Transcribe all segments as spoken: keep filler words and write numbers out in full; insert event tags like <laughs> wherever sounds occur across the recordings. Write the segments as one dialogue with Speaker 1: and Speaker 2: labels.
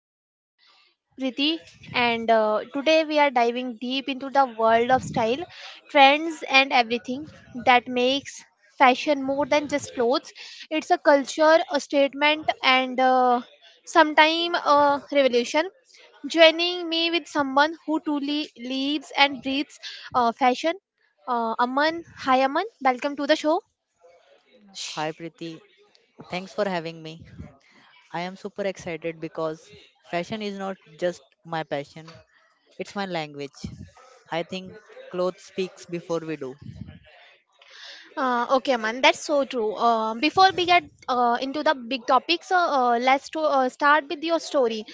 Speaker 1: our host Priti, and uh, today we are diving deep into the world of style, trends, and everything that makes fashion more than just clothes. It's a culture, a statement, and uh, sometime a revolution. Joining me with someone who truly lives and breathes uh, fashion, uh, Aman. Hi, Aman. Welcome to the show.
Speaker 2: Hi Preeti, thanks for having me. I am super excited because fashion is not just my passion, it's my language. I think clothes speaks before we do.
Speaker 1: Uh, okay, man, that's so true. Uh, before we get uh, into the big topics, uh, uh, let's to, uh, start with your story.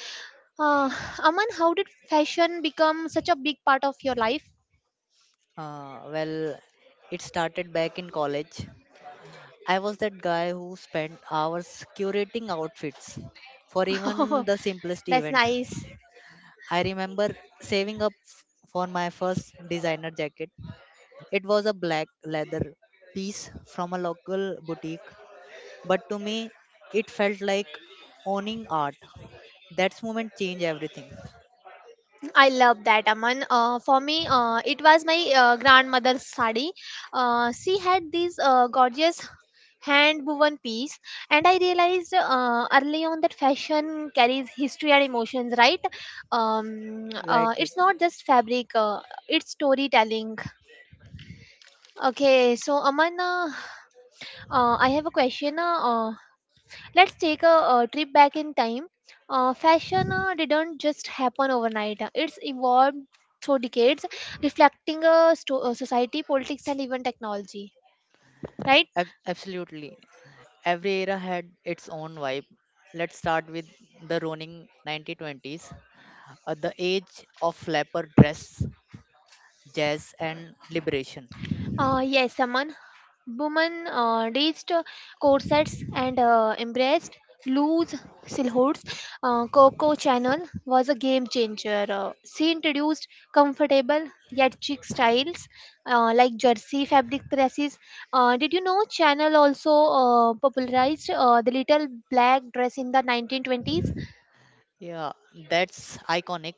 Speaker 1: Uh, Aman, how did fashion become such a big part of your life?
Speaker 2: Uh, well, it started back in college. I was that guy who spent hours curating outfits for even the
Speaker 1: <laughs>
Speaker 2: simplest
Speaker 1: That's
Speaker 2: event.
Speaker 1: nice.
Speaker 2: I remember saving up f- for my first designer jacket. It was a black leather piece from a local boutique. But to me, it felt like owning art. That moment changed everything.
Speaker 1: I love that, Aman. Uh, for me, uh, it was my uh, grandmother's sari. Uh, she had this uh, gorgeous hand woven piece, and I realized uh, early on that fashion carries history and emotions, right? Um, uh,
Speaker 2: Right,
Speaker 1: it's
Speaker 2: Prithvi.
Speaker 1: not just fabric, uh, it's storytelling. Okay, so Aman, uh, uh, I have a question. Uh, uh, Let's take a, uh trip back in time. Uh, fashion uh, didn't just happen overnight. Uh, It's evolved through decades, reflecting uh, sto- uh, society, politics, and even technology. Right?
Speaker 2: Ab- absolutely. Every era had its own vibe. Let's start with the Roaring nineteen twenties, uh, the age of flapper dress, jazz, and liberation.
Speaker 1: Uh, yes, someone woman uh, reached uh, corsets and uh, embraced loose silhouettes. Uh, Coco Chanel was a game changer. Uh, she introduced comfortable yet chic styles uh, like jersey fabric dresses. Uh, did you know Chanel also uh, popularized uh, the little black dress in the nineteen twenties?
Speaker 2: Yeah, that's iconic.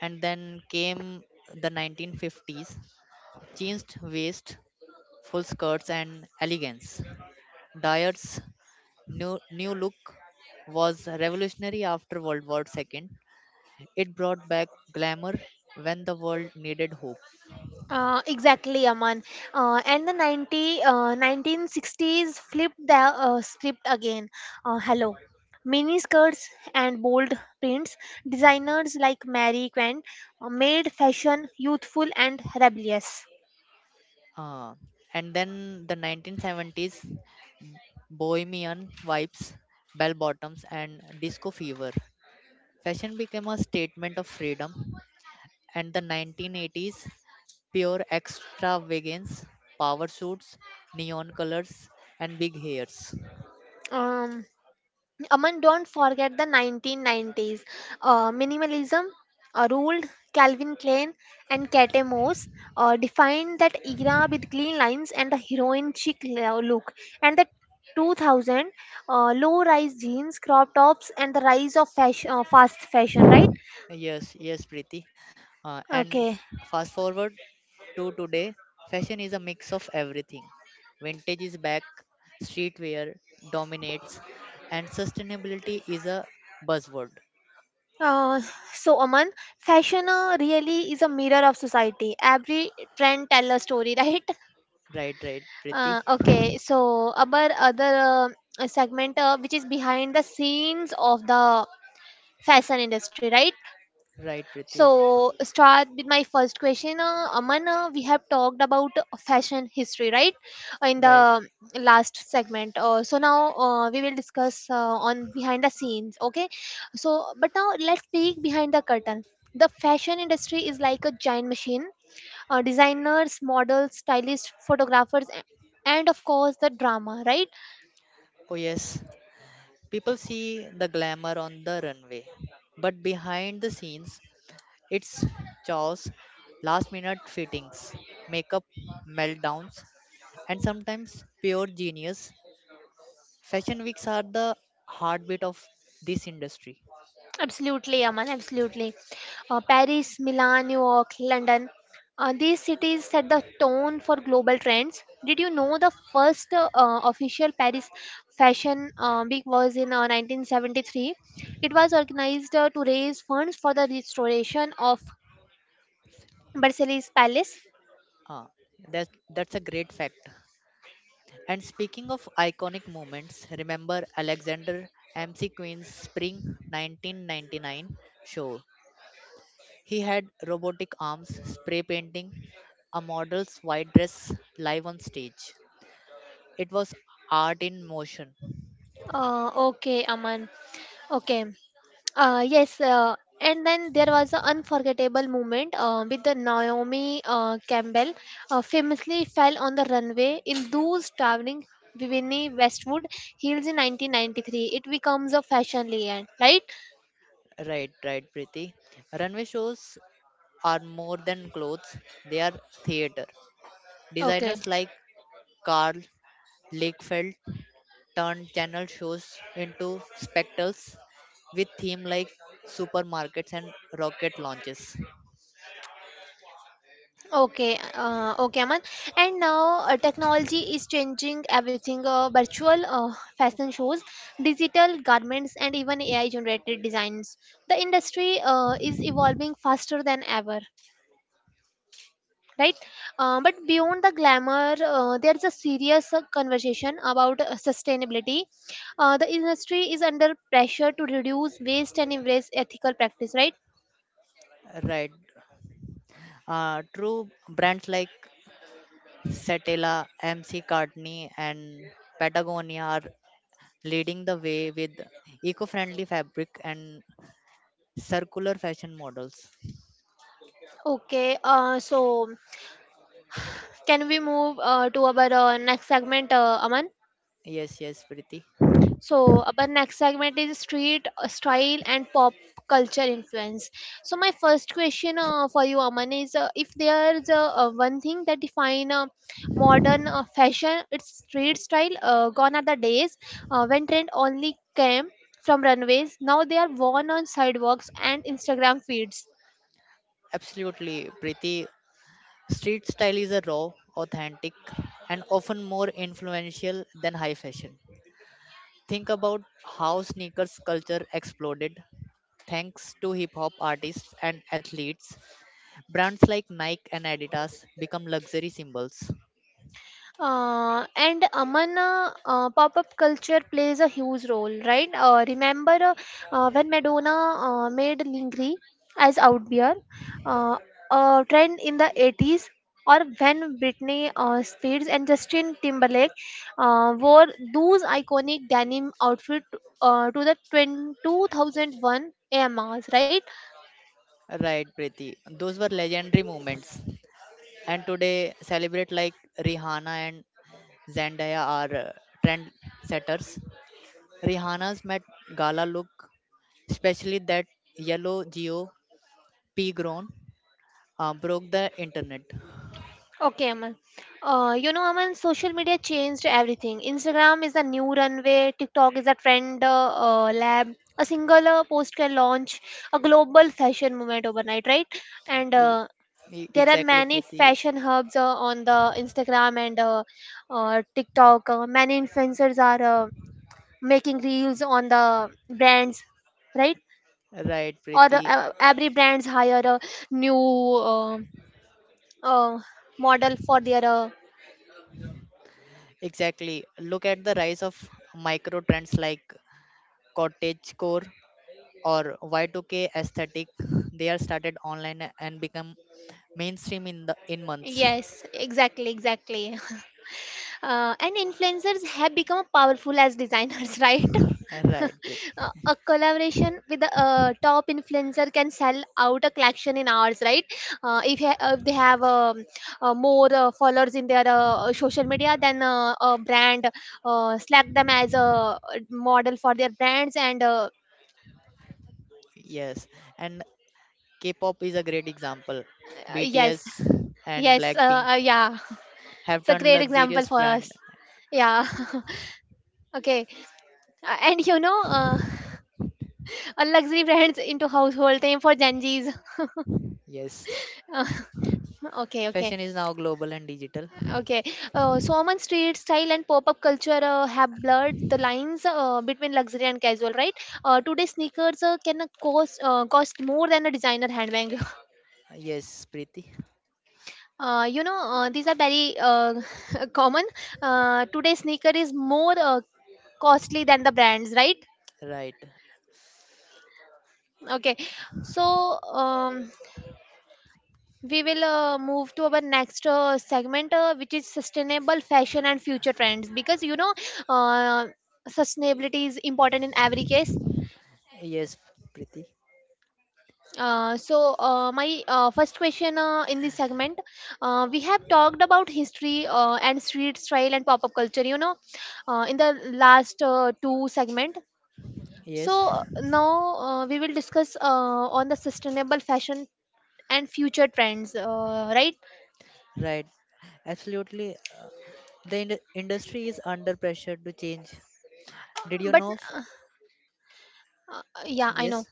Speaker 2: And then came the nineteen fifties, changed waist, full skirts, and elegance. Dyer's New, new look was revolutionary after World War two. It brought back glamour when the world needed hope.
Speaker 1: Uh, exactly, Aman. Uh, and the ninety, uh, nineteen sixties flipped the uh, script again. Uh, hello. Mini skirts and bold prints. Designers like Mary Quant uh, made fashion youthful and rebellious.
Speaker 2: Uh, and then the nineteen seventies bohemian vibes, bell bottoms, and disco fever. Fashion became a statement of freedom. And the nineteen eighties pure extravagance, power suits, neon colors, and big hairs.
Speaker 1: Um, Aman, don't forget the nineteen nineties. Uh, minimalism uh, ruled Calvin Klein and Kate Moss uh, defined that era with clean lines and a heroin chic lo- look. And the two thousand uh, low rise jeans, crop tops, and the rise of fashion, uh, fast fashion, right?
Speaker 2: Yes, yes, Preeti. Uh, and f-
Speaker 1: Okay.
Speaker 2: fast forward to today, fashion is a mix of everything. Vintage is back, streetwear dominates, and sustainability is a buzzword.
Speaker 1: Uh, so, Aman, fashion uh, really is a mirror of society. Every trend tell a story, <laughs> right?
Speaker 2: Right, right, Priti.
Speaker 1: Uh, okay, so our other uh, segment, uh, which is behind the scenes of the fashion industry, right?
Speaker 2: Right, Priti.
Speaker 1: So start with my first question, uh, Aman. Uh, we have talked about fashion history, right, in the
Speaker 2: Right.
Speaker 1: last segment. Uh, so now uh, we will discuss uh, on behind the scenes. Okay, so but now let's peek behind the curtain. The fashion industry is like a giant machine uh, designers, models, stylists, photographers, a- and of course the drama, right?
Speaker 2: Oh, yes. People see the glamour on the runway, but behind the scenes, it's chaos, last minute fittings, makeup meltdowns, and sometimes pure genius. Fashion weeks are the heartbeat of this industry.
Speaker 1: Absolutely, Aman, absolutely. Uh, Paris, Milan, New York, London. Uh, these cities set the tone for global trends. Did you know the first uh, official Paris Fashion uh, Week was in uh, nineteen seventy-three? It was organized uh, to raise funds for the restoration of Versailles Palace.
Speaker 2: Ah, that's that's a great fact. And speaking of iconic moments, remember Alexander M C Queen's Spring nineteen ninety-nine show. He had robotic arms spray painting a model's white dress live on stage. It was art in motion.
Speaker 1: Uh, okay, Aman. Okay. Uh, yes, uh, and then there was an unforgettable moment uh, with the Naomi uh, Campbell uh, famously fell on the runway in those traveling Vivienne Westwood heels in nineteen ninety-three. It becomes a fashion legend, right?
Speaker 2: Right, right, Preeti. Runway shows are more than clothes; they are theater.
Speaker 1: Okay.
Speaker 2: Designers like Karl Lagerfeld turned channel shows into spectacles with theme like supermarkets and rocket launches.
Speaker 1: Okay, uh, okay, Aman. And now uh, technology is changing everything. Uh, virtual uh, fashion shows, digital garments, and even A I-generated designs. The industry uh, is evolving faster than ever. Right, uh, but beyond the glamour uh, there's a serious uh, conversation about uh, sustainability. Uh, the industry is under pressure to reduce waste and embrace ethical practice, right?
Speaker 2: Right. Uh, true brands like Satella, M C Cartney, and Patagonia are leading the way with eco-friendly fabric and circular fashion models.
Speaker 1: Okay, uh, so can we move uh, to our uh, next segment, uh, Aman?
Speaker 2: Yes, yes, Preeti.
Speaker 1: So, our next segment is street uh, style and pop culture influence. So, my first question uh, for you, Aman, is uh, if there's uh, uh, one thing that define uh, modern uh, fashion, it's street style. Uh, gone are the days uh, when trend only came from runways. Now they are worn on sidewalks and Instagram feeds.
Speaker 2: Absolutely, Preeti. Street style is a raw, authentic, and often more influential than high fashion. Think about how sneakers culture exploded thanks to hip hop artists and athletes. Brands like Nike and Adidas become luxury symbols.
Speaker 1: Uh, and Amana uh, pop up culture plays a huge role, right? Uh, remember uh, uh, when Madonna uh, made Lingri as out beer, uh, a trend in the eighties, or when Britney uh, Spears and Justin Timberlake uh, wore those iconic denim outfits uh, to the twenty, two thousand one A M Rs, right?
Speaker 2: Right, Preeti. Those were legendary moments. And today, celebrate like Rihanna and Zendaya are uh, trend setters. Rihanna's Met Gala look, especially that yellow Geo pea grown, uh, broke the internet.
Speaker 1: Okay, Aman. Uh, you know, Aman, social media changed everything. Instagram is the new runway, TikTok is a trend uh, uh, lab. A single uh, post can launch a global fashion movement overnight, right? And
Speaker 2: E-
Speaker 1: uh,
Speaker 2: e-
Speaker 1: there are
Speaker 2: exactly,
Speaker 1: many
Speaker 2: Preeti.
Speaker 1: fashion hubs uh, on the Instagram and uh, uh, TikTok. Uh, many influencers are uh, making reels on the brands, right?
Speaker 2: Right,
Speaker 1: Or the,
Speaker 2: Preeti.
Speaker 1: uh, every brands hire a new uh, uh, model for their uh,
Speaker 2: Exactly. Look at the rise of micro trends like cottagecore or Y two K aesthetic. They are started online and become mainstream in the in months.
Speaker 1: Yes, exactly, exactly. <laughs> Uh, and influencers have become powerful as designers, <laughs> right? <laughs>
Speaker 2: Right, Preeti.
Speaker 1: Uh, a collaboration with a uh, top influencer can sell out a collection in hours, right? Uh, if, ha- if they have um, uh, more uh, followers in their uh, social media, then uh, a brand uh, select them as a model for their brands. And uh,
Speaker 2: Yes. And K-pop is a great example.
Speaker 1: uh, Yes,
Speaker 2: B T S and
Speaker 1: yes,
Speaker 2: Blackpink
Speaker 1: uh, uh, yeah, <laughs>
Speaker 2: have
Speaker 1: it's a
Speaker 2: turned
Speaker 1: great example
Speaker 2: luxurious
Speaker 1: for
Speaker 2: brand.
Speaker 1: us. Yeah. <laughs> Okay, uh, and you know, uh, a luxury brands into household name for Gen Zs.
Speaker 2: Yes.
Speaker 1: Uh, <laughs> okay, okay,
Speaker 2: Fashion is now global and digital.
Speaker 1: okay. Uh, so Oman street style and pop-up culture uh, have blurred the lines uh, between luxury and casual, right? Uh, today, sneakers uh, can uh, cost uh, cost more than a designer handbag. <laughs>
Speaker 2: Yes, Preeti.
Speaker 1: Uh, you know, uh, these are very uh, <laughs> common. Uh, today, sneaker is more uh, costly than the brands, right?
Speaker 2: Right.
Speaker 1: Okay, so. Um, we will uh, move to our next uh, segment uh, which is sustainable fashion and future trends because you know uh, sustainability is important in every case.
Speaker 2: Yes, Preeti.
Speaker 1: Uh, so uh, my uh, first question uh, in this segment, uh, we have talked about history uh, and street style and pop-up culture, you know, uh, in the last uh, two segment.
Speaker 2: Yes.
Speaker 1: So uh, now uh, we will discuss uh, on the sustainable fashion and future trends, uh, right?
Speaker 2: Right. Absolutely. The ind- industry is under pressure to change. Did you
Speaker 1: but
Speaker 2: know? f-
Speaker 1: uh, yeah, I know.
Speaker 2: Yes.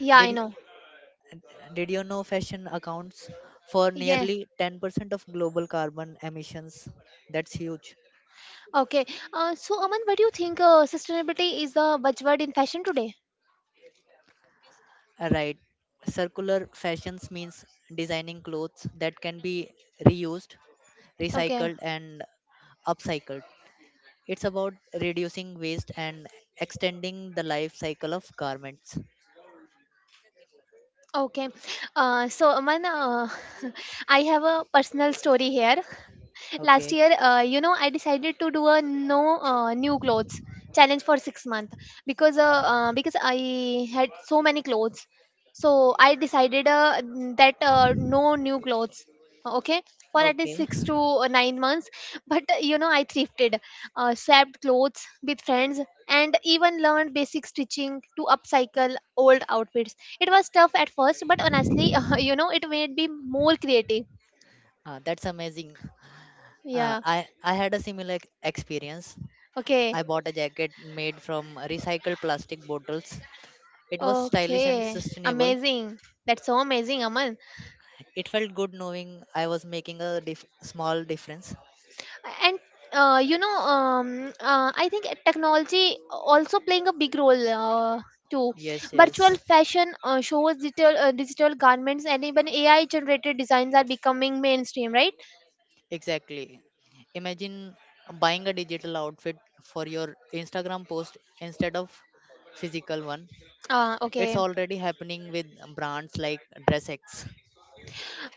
Speaker 1: Yeah,
Speaker 2: Did
Speaker 1: I
Speaker 2: y-
Speaker 1: know.
Speaker 2: Did you know fashion accounts for
Speaker 1: Yes.
Speaker 2: nearly ten percent of global carbon emissions? That's huge.
Speaker 1: Okay. Uh, so, Aman, what do you think uh, sustainability is the buzzword in fashion today?
Speaker 2: Uh, Right. Circular fashions means designing clothes that can be reused,
Speaker 1: Okay.
Speaker 2: recycled, and upcycled. It's about reducing waste and extending the life cycle of garments.
Speaker 1: Okay. Uh, so, Aman, uh, <laughs> I have a personal story here. Last
Speaker 2: Okay.
Speaker 1: year, uh, you know, I decided to do a no uh, new clothes challenge for six months because uh, uh, because I had so many clothes, so I decided, uh, mm, that uh, no new clothes, okay, for at least
Speaker 2: Okay.
Speaker 1: six to uh, nine months. But uh, you know, I thrifted, uh, swapped clothes with friends, and even learned basic stitching to upcycle old outfits. It was tough at first, but honestly, <laughs> you know, it made me more creative.
Speaker 2: Uh, that's amazing. Uh,
Speaker 1: Yeah.
Speaker 2: I I had a similar ex- experience.
Speaker 1: Okay.
Speaker 2: I bought a jacket made from recycled plastic bottles. It was stylish and
Speaker 1: Okay,
Speaker 2: sustainable.
Speaker 1: amazing. That's so amazing, Aman.
Speaker 2: It felt good knowing I was making a dif- small difference.
Speaker 1: And uh, you know, um, uh, I think technology also playing a big role uh, too.
Speaker 2: Yes,
Speaker 1: Virtual
Speaker 2: yes,
Speaker 1: fashion uh, shows, digital uh, digital garments, and even A I generated designs are becoming mainstream, right?
Speaker 2: exactly. Imagine buying a digital outfit for your Instagram post instead of physical one.
Speaker 1: Uh,
Speaker 2: It's
Speaker 1: okay.
Speaker 2: already happening with brands like DressX.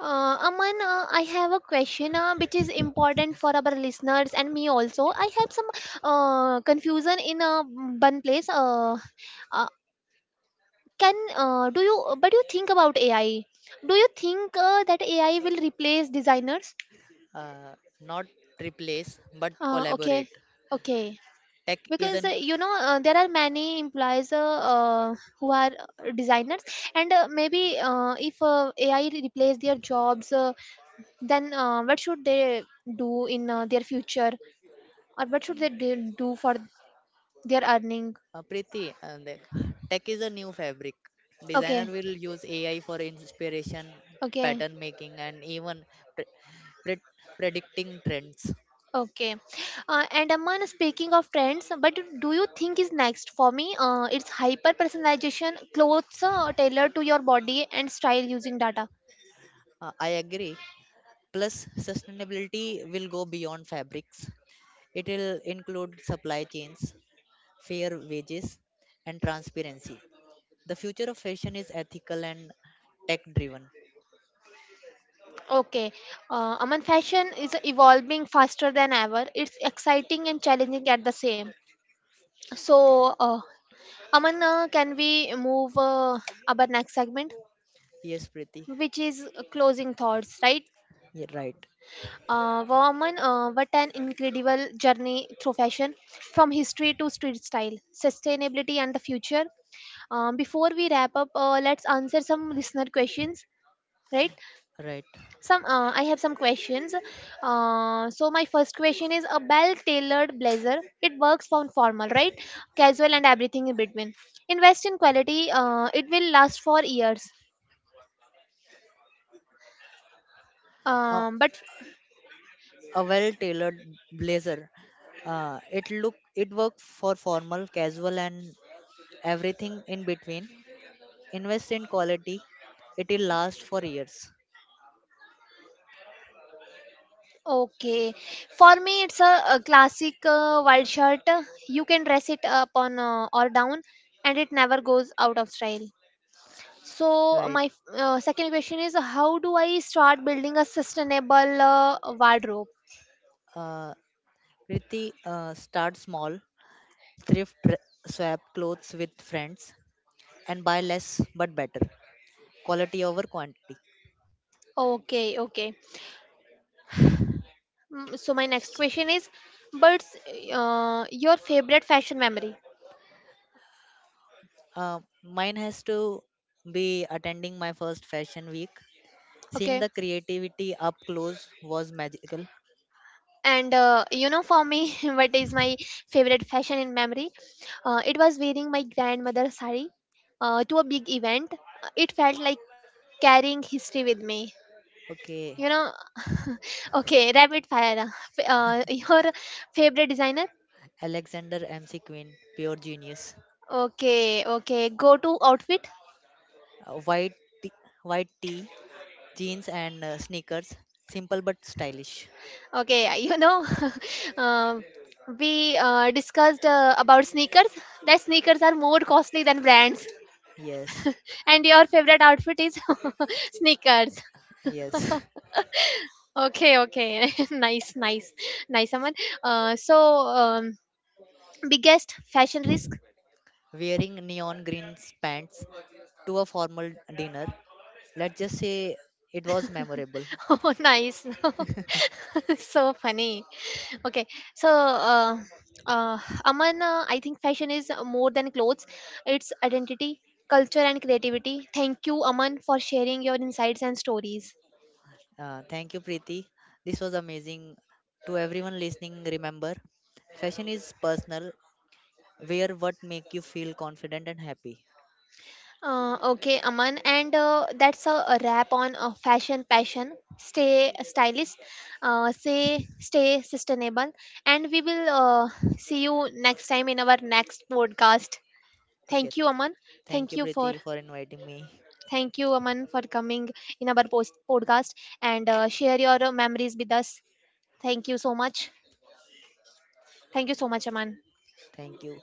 Speaker 1: Uh, Aman, uh, I have a question uh, which is important for our listeners and me also. I have some uh, confusion in uh, one place. Uh, uh, can uh, do you but you think about AI, do you think uh, that AI will replace designers?
Speaker 2: Uh, not replace, but
Speaker 1: Uh,
Speaker 2: collaborate.
Speaker 1: okay, okay.
Speaker 2: Tech is
Speaker 1: Because uh,
Speaker 2: an
Speaker 1: you know, uh, there are many employees uh, uh, who are uh, designers, and uh, maybe uh, if uh, AI replace their jobs, uh, then uh, what should they do in uh, their future, or what should they do do for their earning?
Speaker 2: Uh, Preeti, and the- tech is a new fabric.
Speaker 1: Okay,
Speaker 2: Designer will use A I for inspiration,
Speaker 1: okay.
Speaker 2: pattern making, and even pre- pre- predicting trends.
Speaker 1: Okay. Uh, and Aman, speaking of trends, but do you think is next for me? Uh, it's hyper personalization, clothes uh, tailored to your body and style using data.
Speaker 2: Uh, I agree. Plus, sustainability will go beyond fabrics. It will include supply chains, fair wages, and transparency. The future of fashion is ethical and tech driven.
Speaker 1: Okay. Uh, Aman, fashion is evolving faster than ever. It's exciting and challenging at the same. So, uh, Aman, uh, can we move uh, our next segment,
Speaker 2: Yes, Preeti.
Speaker 1: which is closing thoughts, right?
Speaker 2: Yeah, right.
Speaker 1: Uh, woman, uh, what an incredible journey through fashion, from history to street style, sustainability, and the future. Um, before we wrap up, uh, let's answer some listener questions. Right?
Speaker 2: Right.
Speaker 1: Some, uh, I have some questions. Uh, so my first question is a well-tailored blazer. It works for formal, right? Casual and everything in between. Invest in quality. Uh, it will last for years.
Speaker 2: Uh,
Speaker 1: Um, but
Speaker 2: a well-tailored blazer. Uh, it look it works for formal, casual, and everything in between. Invest in quality; it will last for years.
Speaker 1: okay, for me it's a, a classic uh, wild shirt. You can dress it up on uh, or down, and it never goes out of style. So
Speaker 2: Right.
Speaker 1: my f- uh, second question is, how do I start building a sustainable uh, wardrobe?
Speaker 2: Uh, Priti, uh, start small, thrift, r- swap clothes with friends, and buy less but better. Quality over quantity.
Speaker 1: Okay, okay. Mm, so my next question is, what's uh, your favorite fashion memory?
Speaker 2: Uh, mine has to be attending my first fashion week. Seeing
Speaker 1: Okay.
Speaker 2: the creativity up close was magical.
Speaker 1: And uh, you know, for me <laughs> what is my favorite fashion in memory, uh, it was wearing my grandmother's sari uh, to a big event. It felt like carrying history with me,
Speaker 2: Okay.
Speaker 1: you know. Okay, rapid fire. F- uh, <laughs> your favorite designer.
Speaker 2: Alexander M C Quinn, pure genius.
Speaker 1: Okay, okay. Go to outfit.
Speaker 2: Uh, white t- white tee, jeans and uh, sneakers, simple but stylish.
Speaker 1: Okay, you know, <laughs> um, we uh, discussed uh, about sneakers, that sneakers are more costly than brands,
Speaker 2: Yes,
Speaker 1: and your favorite outfit is <laughs> sneakers.
Speaker 2: yes.
Speaker 1: Okay, okay. <laughs> Nice, nice, nice, Aman. Uh, so, um, biggest fashion risk?
Speaker 2: <laughs> Wearing neon green pants to a formal dinner. Let's just say it was memorable.
Speaker 1: <laughs> Oh, nice. <laughs> So funny. Okay, so, uh, uh, Aman, uh, I think fashion is more than clothes, it's identity, culture, and creativity. Thank you, Aman, for sharing your insights and stories.
Speaker 2: Uh, thank you, Preeti. This was amazing. To everyone listening, remember, fashion is personal. Wear what make you feel confident and happy.
Speaker 1: Uh, okay, Aman, and uh, that's a, a wrap on uh, fashion passion. Stay stylish, uh, say stay sustainable, and we will uh, see you next time in our next podcast.
Speaker 2: Okay.
Speaker 1: Thank you, Aman.
Speaker 2: Thank
Speaker 1: Thank
Speaker 2: you,
Speaker 1: you for
Speaker 2: Preeti, for inviting me.
Speaker 1: Thank you, Aman, for coming in our post podcast and uh, share your uh, memories with us. Thank you so much. Thank you so much, Aman.
Speaker 2: Thank you.